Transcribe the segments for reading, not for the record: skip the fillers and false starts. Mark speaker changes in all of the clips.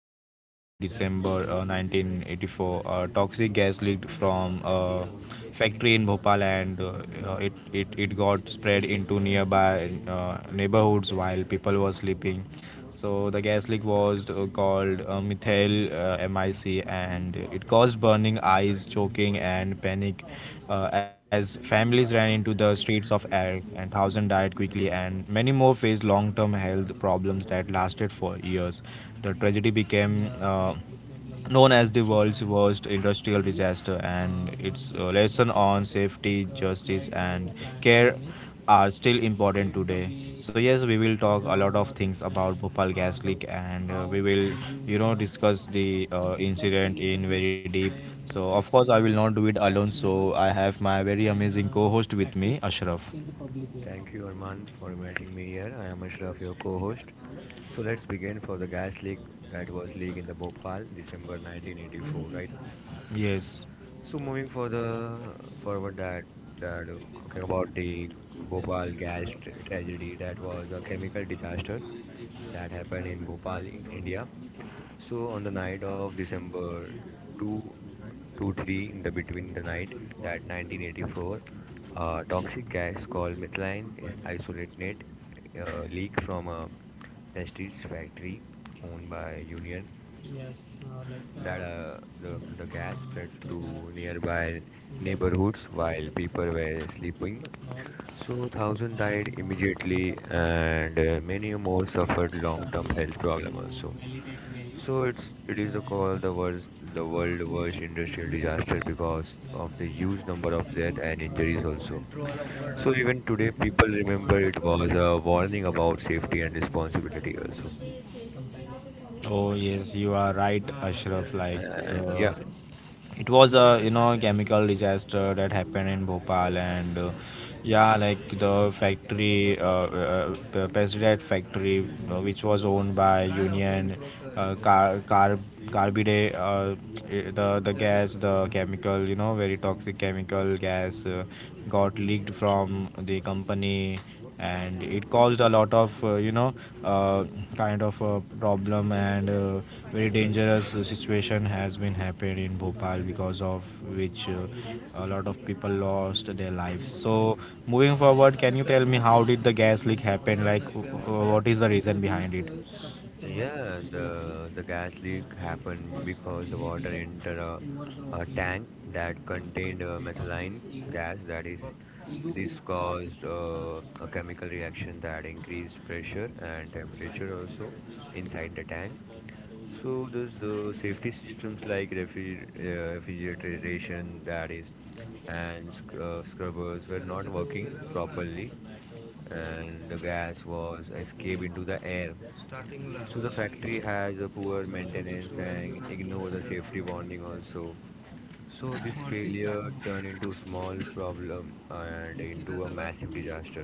Speaker 1: night in early December 1984, toxic gas leaked from a factory in Bhopal, and it got spread into nearby neighborhoods while people were sleeping. So the gas leak was called methyl MIC, and it caused burning eyes, choking, and panic as families ran into the streets of air, and thousands died quickly, and many more faced long-term health problems that lasted for years. The tragedy became known as the world's worst industrial disaster, and its lesson on safety, justice, and care are still important today. So yes, we will talk a lot of things about Bhopal gas leak, and we will, discuss the incident in very deep. So of course, I will not do it alone. So I have my very amazing co-host with me, Ashraf.
Speaker 2: Thank you, Arman, for inviting me here. I am Ashraf, your co-host. So let's begin for the gas leak that was leaked in the Bhopal, December 1984, right?
Speaker 1: Yes.
Speaker 2: So moving for the forward that that talking about the Bhopal gas tragedy, that was a chemical disaster that happened in Bhopal, India. So on the night of December 2 to 3, in the between the night that 1984, a toxic gas called methylene is isolated leak from a Prestige factory owned by Union. The gas spread through nearby neighborhoods while people were sleeping. So thousands died immediately, and many more suffered long-term health problems also. So it is called the worst, the world worst industrial disaster, because of the huge number of death and injuries also. So even today people remember it was a warning about safety and responsibility also.
Speaker 1: Oh yes, you are right, Ashraf. Like
Speaker 2: And yeah,
Speaker 1: the it was a chemical disaster that happened in Bhopal, and yeah, like the pesticide factory which was owned by Union uh, car car carbide, the gas, the chemical, very toxic chemical gas got leaked from the company, and it caused a lot of uh, kind of a problem, and very dangerous situation has been happened in Bhopal because of which a lot of people lost their lives. So moving forward, can you tell me, how did the gas leak happen? Like, what is the reason behind it?
Speaker 2: yeah, the gas leak happened because the water entered a tank that contained methylene gas. That is, this caused a chemical reaction that increased pressure and temperature also inside the tank. So there's the safety systems like refrigeration, that is, and scrubbers were not working properly, and the gas was escaped into the air. So the factory has a poor maintenance and ignore the safety warning also. So this failure turned into small problem and into a massive disaster.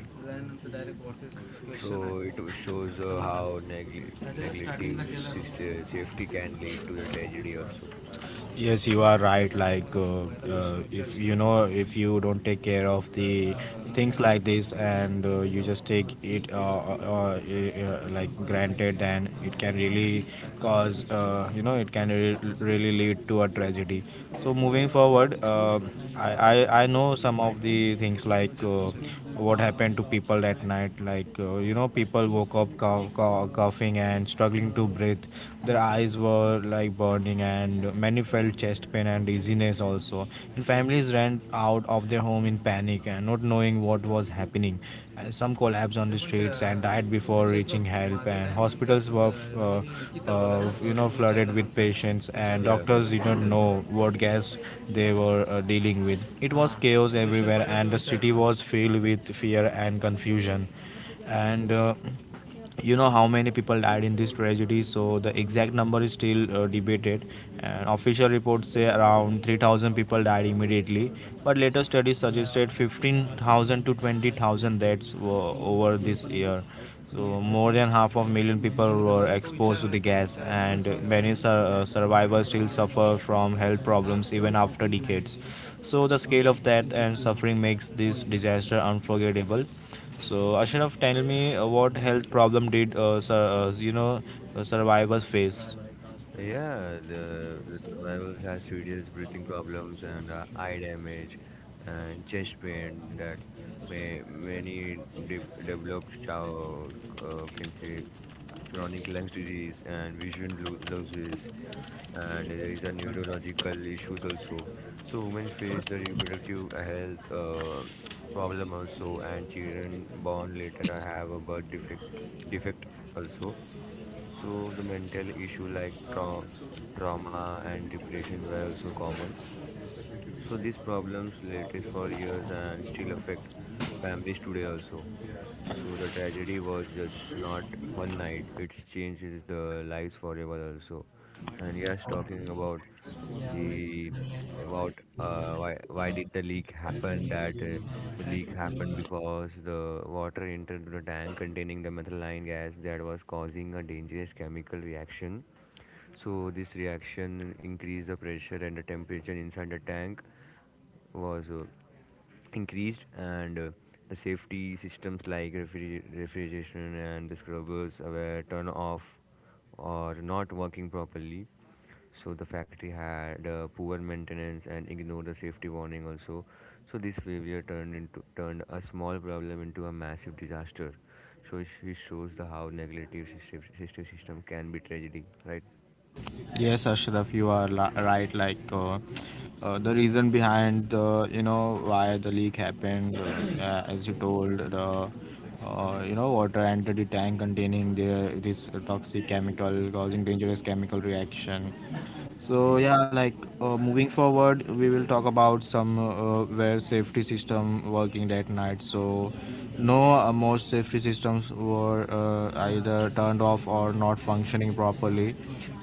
Speaker 2: So it shows how neglective safety can lead to the tragedy also. So
Speaker 1: Yes, you are right. Like, if you don't take care of the things like this, and you just take it like granted, then it can really cause, it can really lead to a tragedy. So moving forward, I know some of the things, like what happened to people at night. Like, people woke up coughing and struggling to breathe. Their eyes were like burning, and many felt chest pain and dizziness also. And families ran out of their home in panic and not knowing what was happening. And some collapsed on the streets and died before reaching help. And hospitals were, flooded with patients, and
Speaker 2: yeah,
Speaker 1: doctors didn't know what gas they were dealing with. It was chaos everywhere, and the city was filled with fear and confusion. And you know how many people died in this tragedy. So the exact number is still debated, and official reports say around 3,000 people died immediately, but later studies suggested 15,000 to 20,000 deaths were over this year. So more than half of million people were exposed to the gas, and many survivors still suffer from health problems even after decades. So the scale of death and suffering makes this disaster unforgettable. So Ashraf, tell me, what health problem did survivors face?
Speaker 2: yeah, the survivors has serious breathing problems and eye damage and chest pain. That may many de- developed chow can say chronic lung disease and vision losses, and there is a neurological issues also. So women face the reproductive health problem also, and children born later are have a birth defect also. So the mental issue like trauma and depression were also common. So these problems lasted for years and still affect families today also. So the tragedy was just not one night. It changes the lives forever also. And yes, talking about the about why did the leak happen? That the leak happened because the water entered the tank containing the methylene gas, that was causing a dangerous chemical reaction. So this reaction increased the pressure and the temperature inside the tank, was increased, and the safety systems like refrigeration and the scrubbers were turned off or not working properly. So the factory had poor maintenance and ignored the safety warning also. So this failure turned a small problem into a massive disaster. So it shows the how negative system can be tragedy, right?
Speaker 1: Yes, Ashraf, you are right. Like, the reason behind the you know why the leak happened, as you told, the water entered the tank containing the this toxic chemical, causing dangerous chemical reaction. So
Speaker 2: Yeah.
Speaker 1: yeah, like moving forward, we will talk about some where safety system working that night. So no, most safety systems were either turned off or not functioning properly.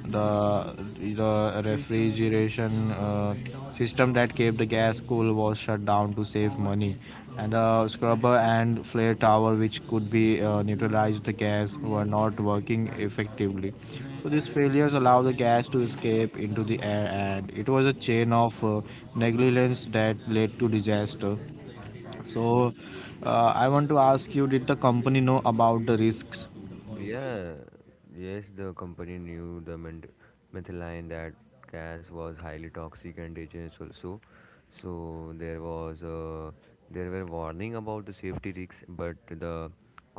Speaker 1: The the refrigeration system that kept the gas cool was shut down to save money, and the scrubber and flare tower, which could be neutralized the gas, were not working effectively. So these failures allowed the gas to escape into the air, and it was a chain of negligence that led to disaster. So I want to ask you, did the company know about the risks?
Speaker 2: Yeah, yes, the company knew the methylene that gas was highly toxic and dangerous also. So so there was there were warning about the safety risks, but the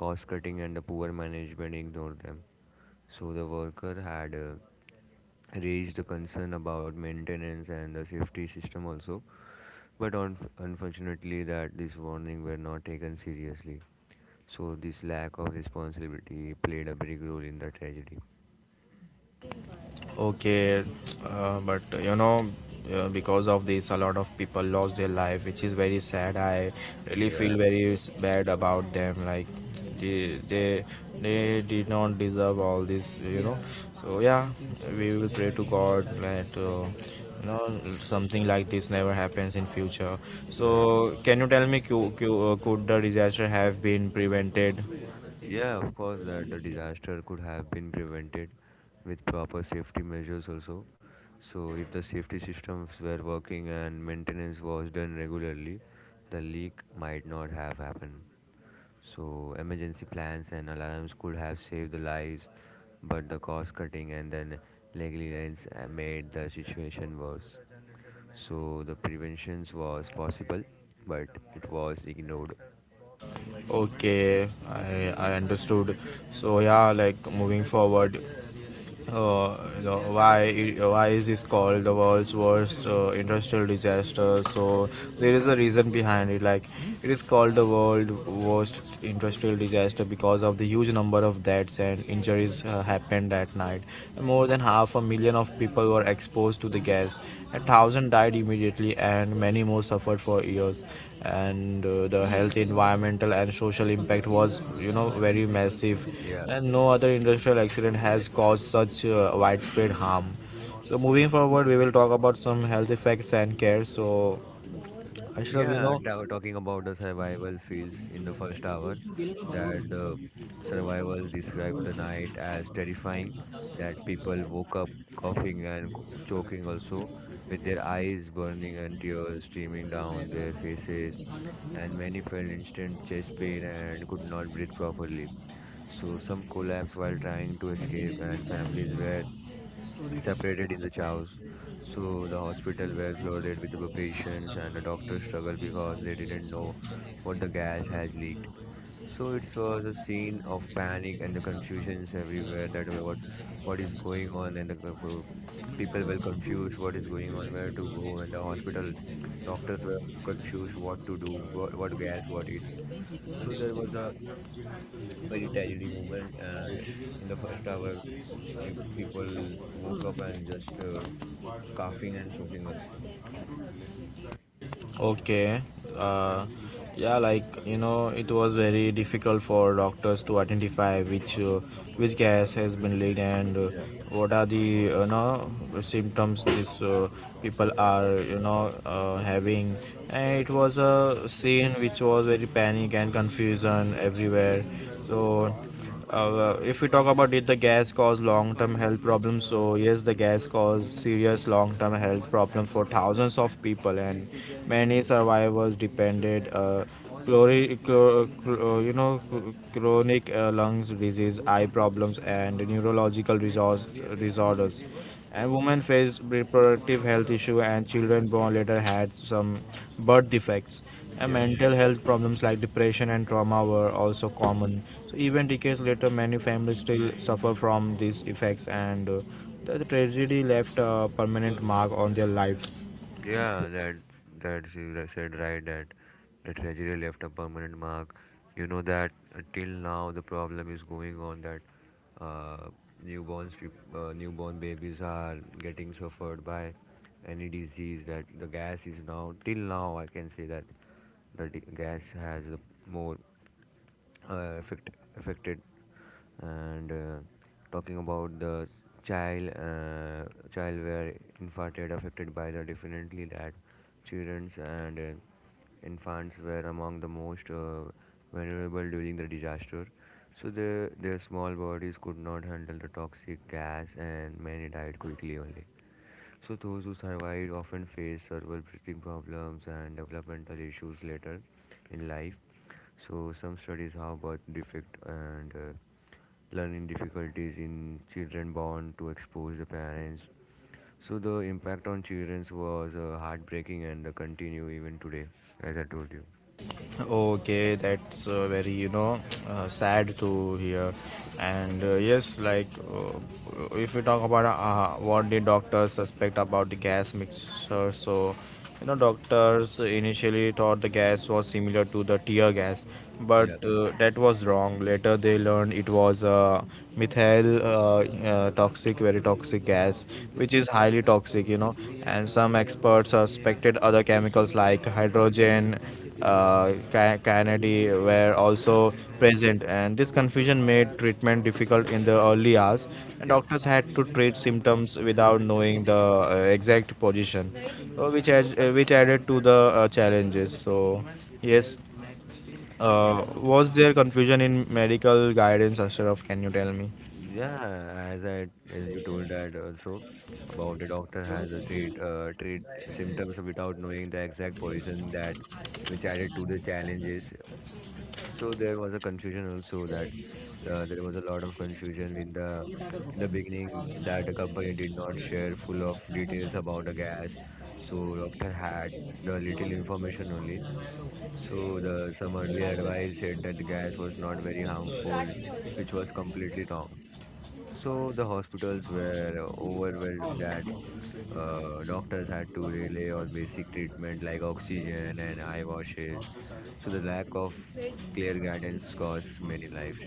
Speaker 2: cost cutting and the poor management ignored them. So the worker had raised the concern about maintenance and the safety system also, but unfortunately that this warning were not taken seriously. So this lack of responsibility played a big role in the tragedy.
Speaker 1: Okay, but you know, because of this, a lot of people lost their life, which is very sad. I really feel
Speaker 2: Yeah,
Speaker 1: very bad about them. Like, they they they did not deserve all this. So yeah, we will pray to God that you know something like this never happens in future.
Speaker 2: yeah,
Speaker 1: So can you tell me, could the disaster have been prevented?
Speaker 2: yeah, of course that the disaster could have been prevented with proper safety measures also. So if the safety systems were working and maintenance was done regularly, the leak might not have happened. So emergency plans and alarms could have saved the lives, but the cost cutting and then negligence made the situation worse. So the prevention was possible, but it was ignored.
Speaker 1: Okay, I understood. So yeah, like, moving forward. Why is this called the world's worst industrial disaster? So there is a reason behind it. Like, it is called the world worst industrial disaster because of the huge number of deaths and injuries happened that night. More than half a million of people were exposed to the gas. A thousand died immediately, and many more suffered for years, and the health, environmental, and social impact was very massive,
Speaker 2: Yeah.
Speaker 1: and no other industrial accident has caused such widespread harm. So moving forward, we will talk about some health effects and care. So Ashraf, you know.
Speaker 2: Yeah, ta talking about the survival feels in the first hour, that the survivors described the night as terrifying, that people woke up coughing and choking also, with their eyes burning and tears streaming down their faces, and many felt instant chest pain and could not breathe properly. So some collapsed while trying to escape, and families were separated in the chows. So the hospital were flooded with the patients, and the doctors struggled because they didn't know what the gas has leaked. So it was a scene of panic and the confusions everywhere, that what is going on, and the people were confused what is going on, where to go, and the hospital doctors were confused what to do, what gas what it. So there was a very tragedy moment, and in the first hour, people woke up and just coughing and choking also.
Speaker 1: Okay. Uh, yeah, like, you know, it was very difficult for doctors to identify which gas has been leaked, and
Speaker 2: Yeah.
Speaker 1: what are the symptoms these people are having. And it was a scene which was very panic and confusion everywhere. So if we talk about, did the gas cause long-term health problems? So yes, the gas caused serious long-term health problems for thousands of people, and many survivors depended chronic lungs disease, eye problems, and neurological resource, disorders, and women faced reproductive health issue, and children born later had some birth defects, and
Speaker 2: Yeah,
Speaker 1: mental health problems like depression and trauma were also common. So even decades later, many families still suffer from these effects, and the tragedy left a permanent mark on their lives.
Speaker 2: yeah, that you said right that the tragedy left a permanent mark. You know that till now the problem is going on, that uh, newborns, newborn babies are getting suffered by any disease, that the gas is now till now. I can say that the gas has a more uh, affect, affected, and talking about the child uh, child were infarcted affected by the, definitely, that childrens and infants were among the most vulnerable during the disaster. So the their small bodies could not handle the toxic gas, and many died quickly only. So those who survived often face several breathing problems and developmental issues later in life. So some studies how birth defect and learning difficulties in children born to expose the parents. So the impact on children was heartbreaking and continue even today, as I told you.
Speaker 1: Okay, that's very sad to hear. And yes, like, if we talk about what the doctors suspect about the gas mixture. So you know, doctors initially thought the gas was similar to the tear gas, but
Speaker 2: Yeah,
Speaker 1: that was wrong. Later they learned it was a methyl toxic, very toxic gas, which is highly toxic. And some experts suspected other chemicals like hydrogen Kennedy were also present, and this confusion made treatment difficult in the early hours. And
Speaker 2: yeah.
Speaker 1: doctors had to treat symptoms without knowing the exact position, which added to the challenges. So, yes, was there confusion in medical guidance, Ashraf? Can you tell me?
Speaker 2: Yeah, as I, as you told that also, about the doctor has a treat symptoms without knowing the exact poison, that which added to the challenges. So there was a confusion also, that there was a lot of confusion in the beginning, that the company did not share full of details about the gas. So doctor had the little information only. So the some earlier advice said that the gas was not very harmful, which was completely wrong. So the hospitals were overwhelmed, that doctors had to rely on basic treatment like oxygen and eye washes. So the lack of clear guidance caused many lives.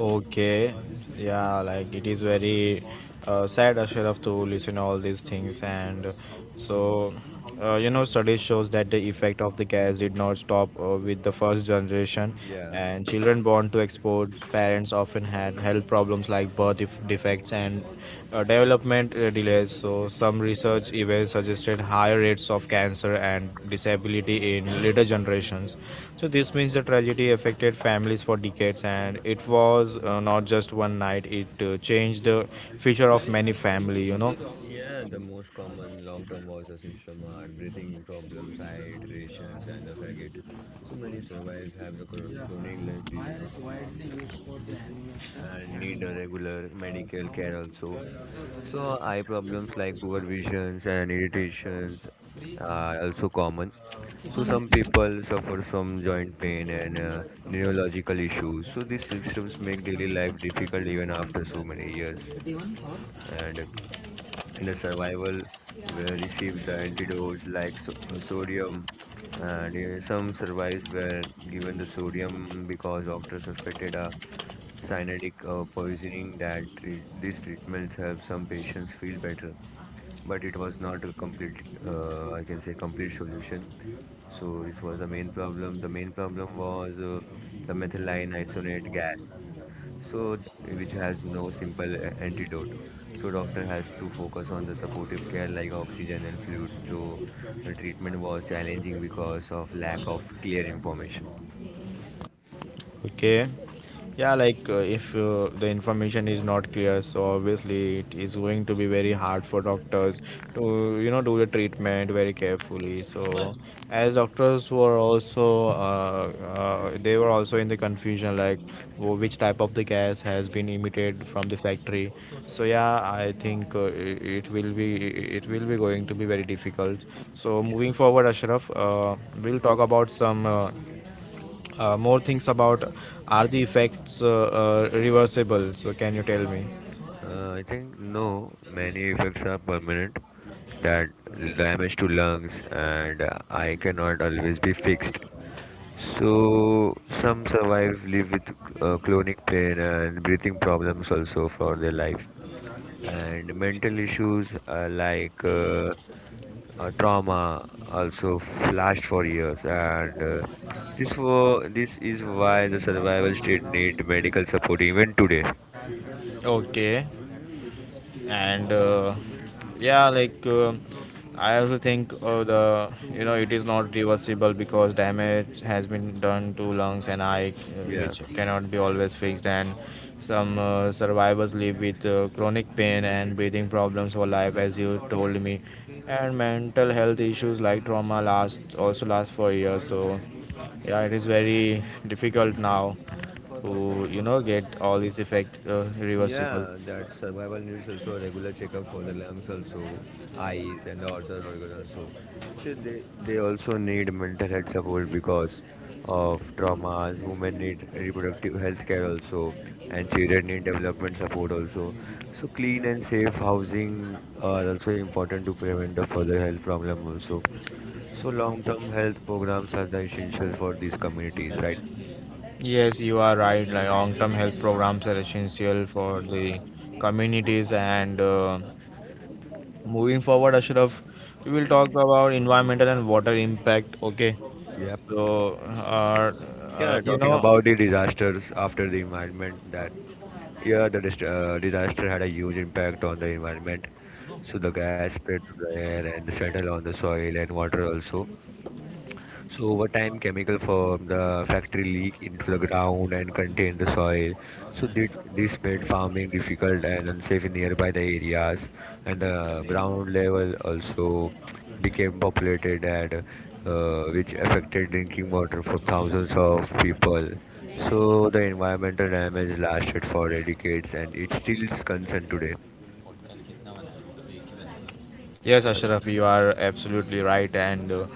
Speaker 1: Okay, yeah, like, it is very sad, Ashraf, to listen all these things, and so studies shows that the effect of the gas did not stop with the first generation,
Speaker 2: Yeah.
Speaker 1: and children born to exposed parents often had health problems like birth defects and development delays. So some research even suggested higher rates of cancer and disability in later generations. So this means the tragedy affected families for decades, and it was not just one night. It changed the future of many family.
Speaker 2: Yeah, the most common long-term water system are breathing problems, hydrations, and the fragate. So many survivors have the chronic lung disease and need a regular medical care also. So eye problems like poor visions and irritations are also common. So some people suffer from joint pain and neurological issues. So these symptoms make daily life difficult even after so many years. And in the survival where received the antidotes like sodium, and some survivors were given the sodium because doctors suspected a cyanidic poisoning. That these treatments help some patients feel better, but it was not a complete I can say complete solution. So this was the main problem. The main problem was the methylene isonate gas, so which has no simple antidote. So doctor has to focus on the supportive care like oxygen and fluids. So the treatment was challenging because of lack of clear information.
Speaker 1: Okay. Yeah, like, if the information is not clear, so obviously it is going to be very hard for doctors to do the treatment very carefully. So as doctors were also they were also in the confusion, like which type of the gas has been emitted from the factory. So yeah, I think it will be, going to be very difficult. So moving forward, Ashraf, we'll talk about some more things about, are the effects reversible? So can you tell me?
Speaker 2: I think no, many effects are permanent, that damage to lungs and eye cannot always be fixed. So some survive live with chronic pain and breathing problems also for their life. And mental issues like trauma also flashed for years, and this is why the survival state need medical support even today.
Speaker 1: Okay. And yeah, like I also think the you know it is not reversible because damage has been done to lungs and eye,
Speaker 2: Yeah.
Speaker 1: which cannot be always fixed, and some survivors live with chronic pain and breathing problems for life, as you told me, and mental health issues like trauma last also last for years. So yeah, it is very difficult now to get all these effect reversible.
Speaker 2: Yeah, that survival needs also a regular checkup for the lungs also, eyes and the other organ also. So they also need mental health support because of traumas. Women need reproductive health care also, and children need development support also. So clean and safe housing are also important to prevent the further health problem also. So long-term health programs are the essential for these communities, right?
Speaker 1: Yes, you are right. Like, long-term health programs are essential for the communities. And moving forward, Ashraf, we will talk about environmental and water impact. Okay.
Speaker 2: Yep.
Speaker 1: So, uh,
Speaker 2: Yeah,
Speaker 1: you
Speaker 2: talking
Speaker 1: know,
Speaker 2: about the disasters after the environment, that yeah, the disaster had a huge impact on the environment. So the gas spread to the air and settled on the soil and water also. So over time, chemical from the factory leak into the ground and contain the soil. So did, this made farming difficult and unsafe in nearby the areas, and the ground level also became populated, and which affected drinking water for thousands of people. So the environmental damage lasted for decades, and it still is concerned today.
Speaker 1: Yes, Ashraf, you are absolutely right, and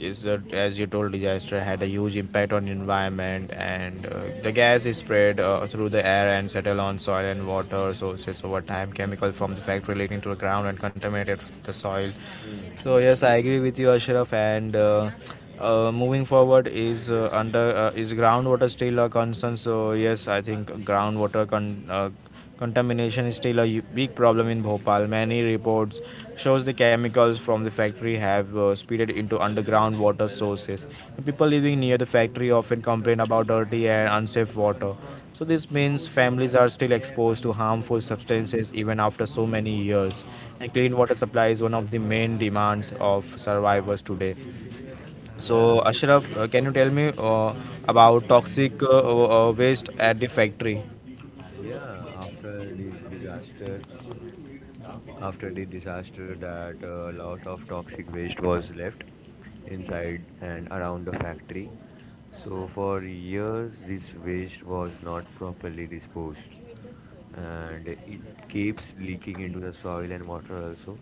Speaker 1: is that as you told, disaster had a huge impact on environment, and the gas is spread through the air and settle on soil and water sources over time. Chemical from the factory leaking to the ground and contaminated the soil. So yes, I agree with you, Ashraf. And moving forward is, under, is groundwater still a concern? So yes, I think contamination is still a big problem in Bhopal. Many reports shows the chemicals from the factory have spilled into underground water sources. People living near the factory often complain about dirty and unsafe water. So this means families are still exposed to harmful substances even after so many years, and clean water supply is one of the main demands of survivors today. So,
Speaker 2: Yeah,
Speaker 1: Ashraf, can you tell me about toxic waste at the factory?
Speaker 2: yeah. After the disaster that a lot of toxic waste was left inside and around the factory. So for years this waste was not properly disposed, and it keeps leaking into the soil and water also.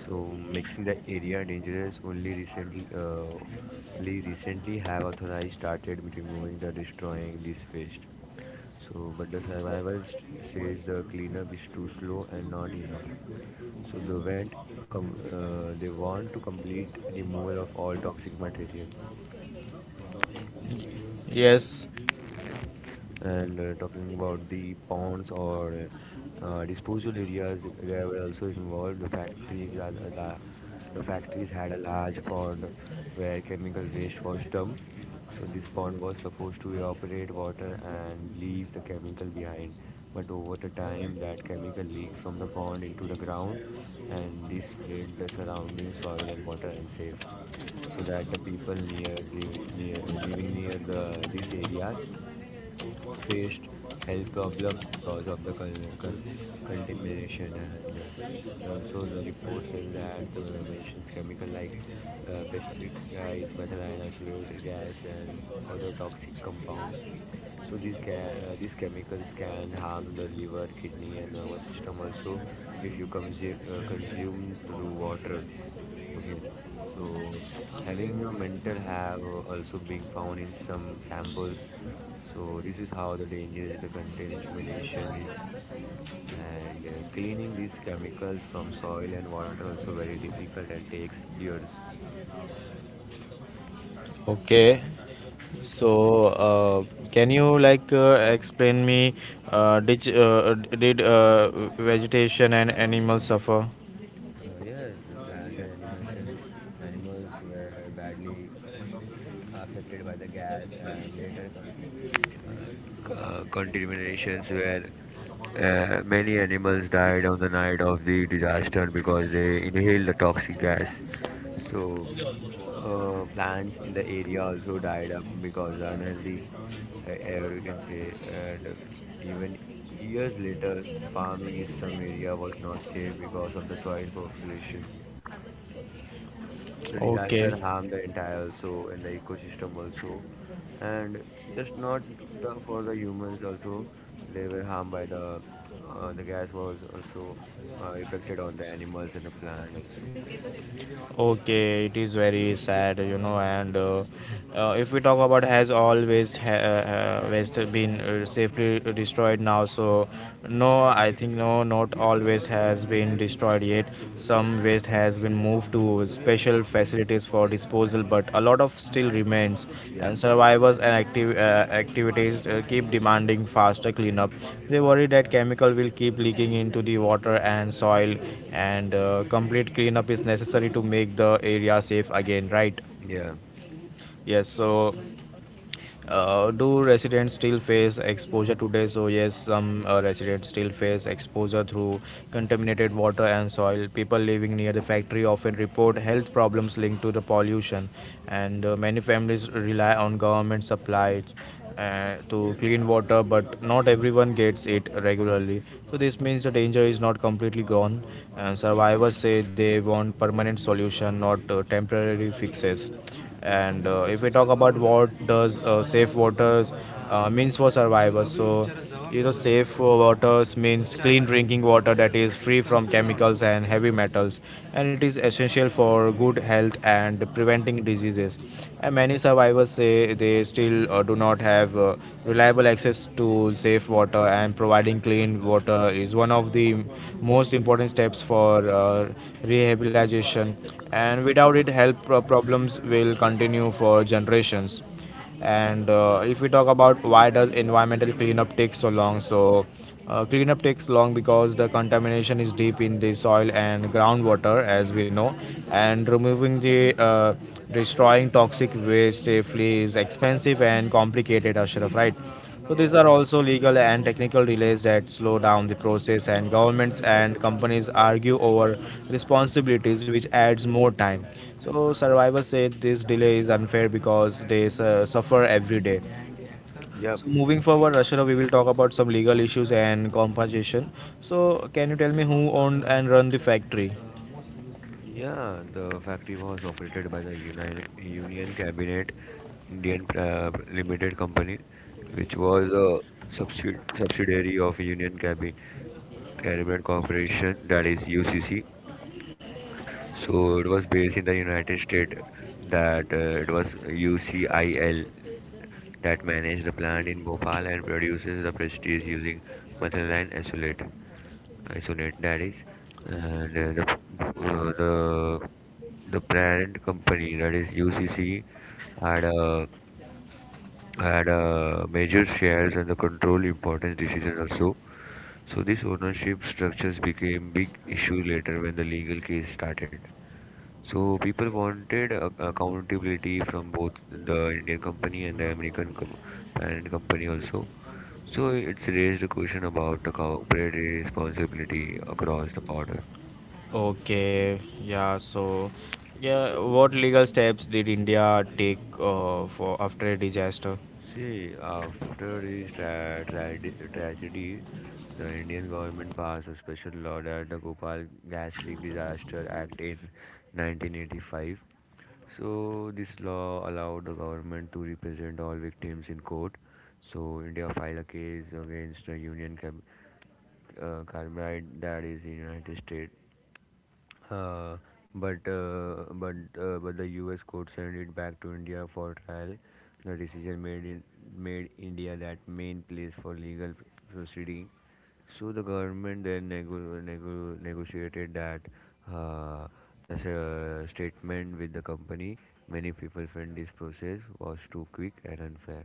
Speaker 2: So making the area dangerous. Only recently only recently have authorities started removing the destroying this waste. So but the survival says the cleanup is too slow and not enough. So they went, they want to complete removal of all toxic material.
Speaker 1: Yes.
Speaker 2: And talking about the ponds or disposal areas, they were also involved. The factories the factories had a large pond where chemical waste was dumped. So this pond was supposed to evaporate water and leave the chemical behind, but over the time that chemical leaked from the pond into the ground, and this made the surrounding soil and water unsafe. So that the people near living near the these areas faced health problems because of the contamination. And also the report says that mentions chemical like pesticides, methylene isolate gas, and other toxic compounds. So these chemicals can harm the liver, kidney, and nervous system also if you consume consume through water. Okay, so having a mental have also being found in some samples. So this is how the danger is, the contamination is, and cleaning these chemicals from soil and water also very difficult and takes years.
Speaker 1: Okay. So, uh, can you like explain me, did vegetation and animals suffer?
Speaker 2: Yes, the plant and animation animals were badly affected by the gas and later contaminations. Where many animals died on the night of the disaster because they inhaled the toxic gas. So, plants in the area also died up because unhealthy air, we can say. And even years later, farming in some area was not safe because of the soil population. The
Speaker 1: Okay.
Speaker 2: disaster harmed the entire also and the ecosystem also, and just not the, for the humans also. They were harmed by the gas was also affected on the animals and the plant also.
Speaker 1: Okay, it is very sad, you know. And If we talk about waste been safely destroyed now, so no, I think no, not always has been destroyed yet. Some waste has been moved to special facilities for disposal, but a lot of still remains,
Speaker 2: Yeah,
Speaker 1: and survivors and activities keep demanding faster cleanup. They worry that chemical will keep leaking into the water and soil, and complete cleanup is necessary to make the area safe again, right?
Speaker 2: yeah.
Speaker 1: Yes, so do residents still face exposure today? So yes, some residents still face exposure through contaminated water and soil. People living near the factory often report health problems linked to the pollution, and many families rely on government supplies to clean water, but not everyone gets it regularly. So this means the danger is not completely gone, and survivors say they want permanent solution, not temporary fixes. And if we talk about what does, safe waters means for survivors, so you know, safe waters means clean drinking water that is free from chemicals and heavy metals, and it is essential for good health and preventing diseases. And many survivors say they still do not have reliable access to safe water, and providing clean water is one of the most important steps for rehabilitation, and without it problems will continue for generations. And if we talk about why does environmental cleanup take so long, so cleanup takes long because the contamination is deep in the soil and groundwater, as we know, and removing the, uh, destroying toxic waste safely is expensive and complicated, Ashraf, right? So these
Speaker 2: Yeah.
Speaker 1: are also legal and technical delays that slow down the process, and governments and companies argue over responsibilities, which adds more time. So survivors say this delay is unfair because they suffer every day.
Speaker 2: Yep.
Speaker 1: So moving forward, Rashara, we will talk about some legal issues and compensation. So can you tell me who owned and run the factory?
Speaker 2: Yeah, the factory was operated by the Union Cabinet Indian Limited Company, which was a subsidiary of Union Cabinet Corporation, that is UCC. So it was based in the United States, that it was UCIL that managed the plant in Bhopal and produces the prestige using methyl and acetylate. Isolate, that is. And the parent company, that is UCC, had a had a major shares and the control importance decision also. So this ownership structures became big issue later when the legal case started. So people wanted accountability from both the Indian company and the American parent company also. So it's raised a question about the corporate responsibility across the border.
Speaker 1: Okay, yeah, so yeah, what legal steps did India take for after a disaster?
Speaker 2: See, after this tragedy, the Indian government passed a special law, that the Gopal Gas Leak Disaster Act in 1985. So this law allowed the government to represent all victims in court. So India filed a case against the Carbide, that is, the United States, uh, but the U.S. court sent it back to India for trial. The decision made India that main place for legal proceeding. So the government then negotiated that uh, the statement with the company. Many people felt this process was too quick and unfair.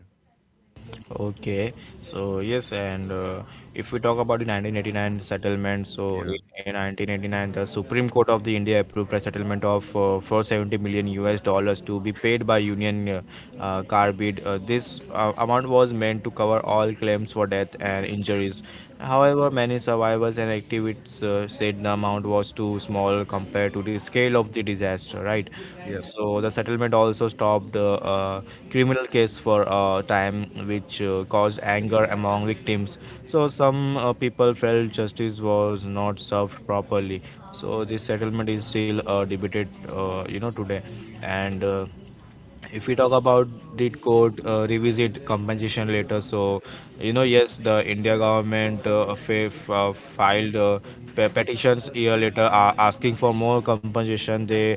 Speaker 1: Okay, so yes, and if we talk about the 1989 settlement, so in
Speaker 2: Yeah.
Speaker 1: in 1989, the Supreme Court of the India approved a settlement of 470 million US dollars to be paid by Union Carbide. This amount was meant to cover all claims for death and injuries. However, many survivors and activists said the amount was too small compared to the scale of the disaster, right?
Speaker 2: Yep.
Speaker 1: So the settlement also stopped a criminal case for a time, which caused anger among victims. So some people felt justice was not served properly. So this settlement is still debated, you know, today, and if we talk about did court revisit compensation later, so you know, yes, the india government filed petitions year later, asking for more compensation. They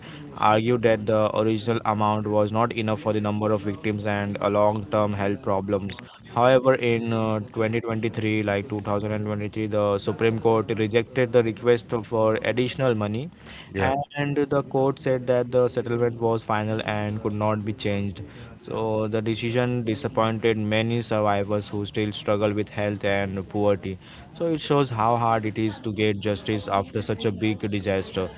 Speaker 1: argued that the original amount was not enough for the number of victims and long term health problems. However, in 2023, like 2023, the supreme court rejected the request for additional money,
Speaker 2: Yeah.
Speaker 1: and the court said that the settlement was final and could not be changed. So the decision disappointed many survivors who still struggle with health and poverty. So it shows how hard it is to get justice after such a big disaster.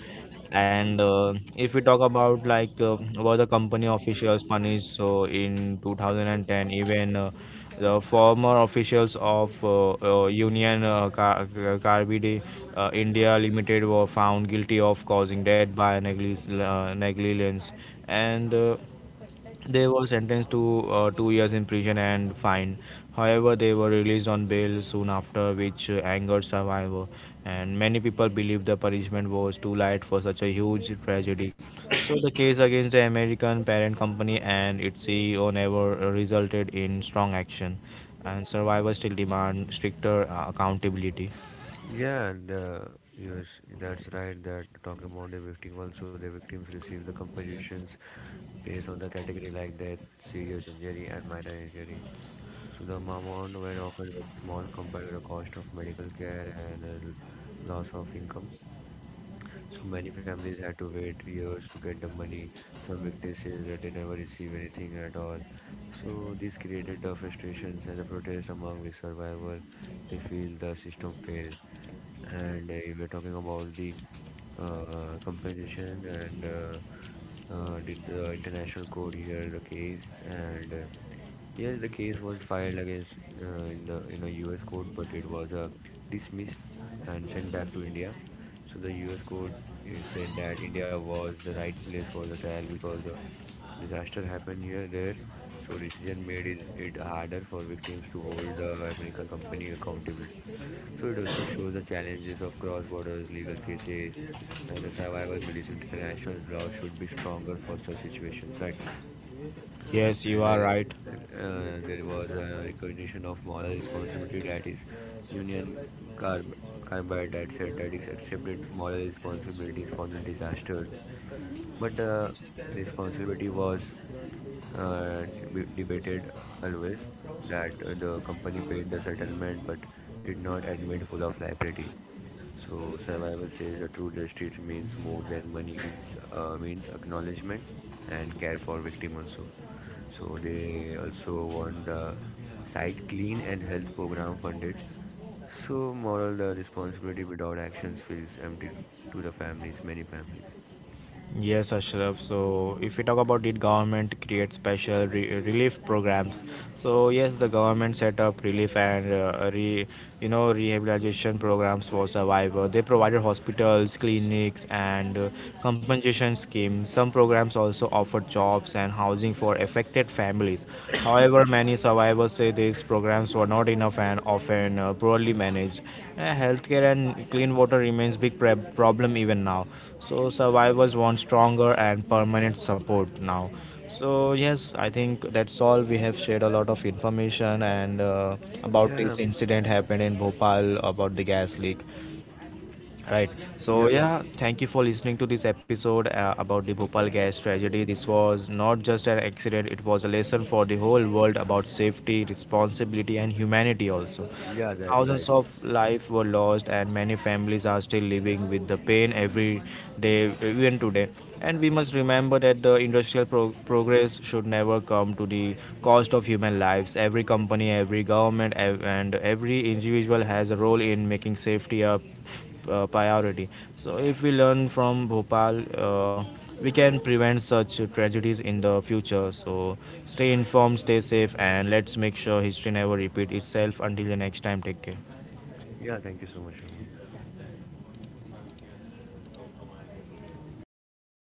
Speaker 1: And if we talk about like, were the company officials punished, so in 2010 even. The former officials of Carbide India Limited were found guilty of causing death by negligence, and they were sentenced to 2 years in prison and fine. However, they were released on bail soon after, which angered survivors. And many people believe the punishment was too light for such a huge tragedy. So, the case against the American parent company and its CEO never resulted in strong action, and survivors still demand stricter accountability.
Speaker 2: Yeah, and yes, that's right. That talking about the victim also, the victims receive the compensations based on the category like death, serious injury, and minor injury. So the amount were often very small compared to the cost of medical care and loss of income. So many families had to wait years to get the money. Some victims says that they never receive anything at all. So this created the frustrations and the protest among the survivors. They feel the system failed. And we were talking about the compensation and did the international court hear the case? And yes, the case was filed against in a U.S. court, but it was dismissed and sent back to India. So the U.S. court said that India was the right place for the trial because disaster happened here there. So decision made it harder for victims to hold the American company accountable. So it also shows the challenges of cross-border legal cases, and the survivor believes international law should be stronger for such situations, right?
Speaker 1: Yes,
Speaker 2: And,
Speaker 1: you are right.
Speaker 2: there was a recognition of moral responsibility, that is Union Car- Carbide, that said that it accepted moral responsibilities for the disasters, but the responsibility was uh, debated always. That the company paid the settlement but did not admit full of liability. So survival says a true justice means more than money. It's means acknowledgement and care for victim also. So they also want the site clean and health program funded. So moral the responsibility without actions feels empty to the families, many families.
Speaker 1: Yes, Ashraf. So, if we talk about did government create special relief programs? So, yes, the government set up relief and you know, rehabilitation programs for survivors. They provided hospitals, clinics, and compensation schemes. Some programs also offered jobs and housing for affected families. However, many survivors say these programs were not enough and often poorly managed. Healthcare and clean water remains big problem even now, so survivors want stronger and permanent support now. So yes, I think that's all. We have shared a lot of information, and about
Speaker 2: Yeah,
Speaker 1: this incident happened in Bhopal about the gas leak. Right.
Speaker 2: yep,
Speaker 1: So yeah, thank you for listening to this episode about the Bhopal gas tragedy. This was not just an accident; it was a lesson for the whole world about safety, responsibility, and humanity. Also,
Speaker 2: yeah, that's right.
Speaker 1: thousands of lives were lost, and many families are still living with the pain every day, even today. And we must remember that the industrial progress should never come to the cost of human lives. Every company, every government, and every individual has a role in making safety up, priority. So if we learn from Bhopal, we can prevent such tragedies in the future. So stay informed, stay safe, and let's make sure history never repeat itself. Until the next time, take care.
Speaker 2: Yeah, thank you so much, Aman.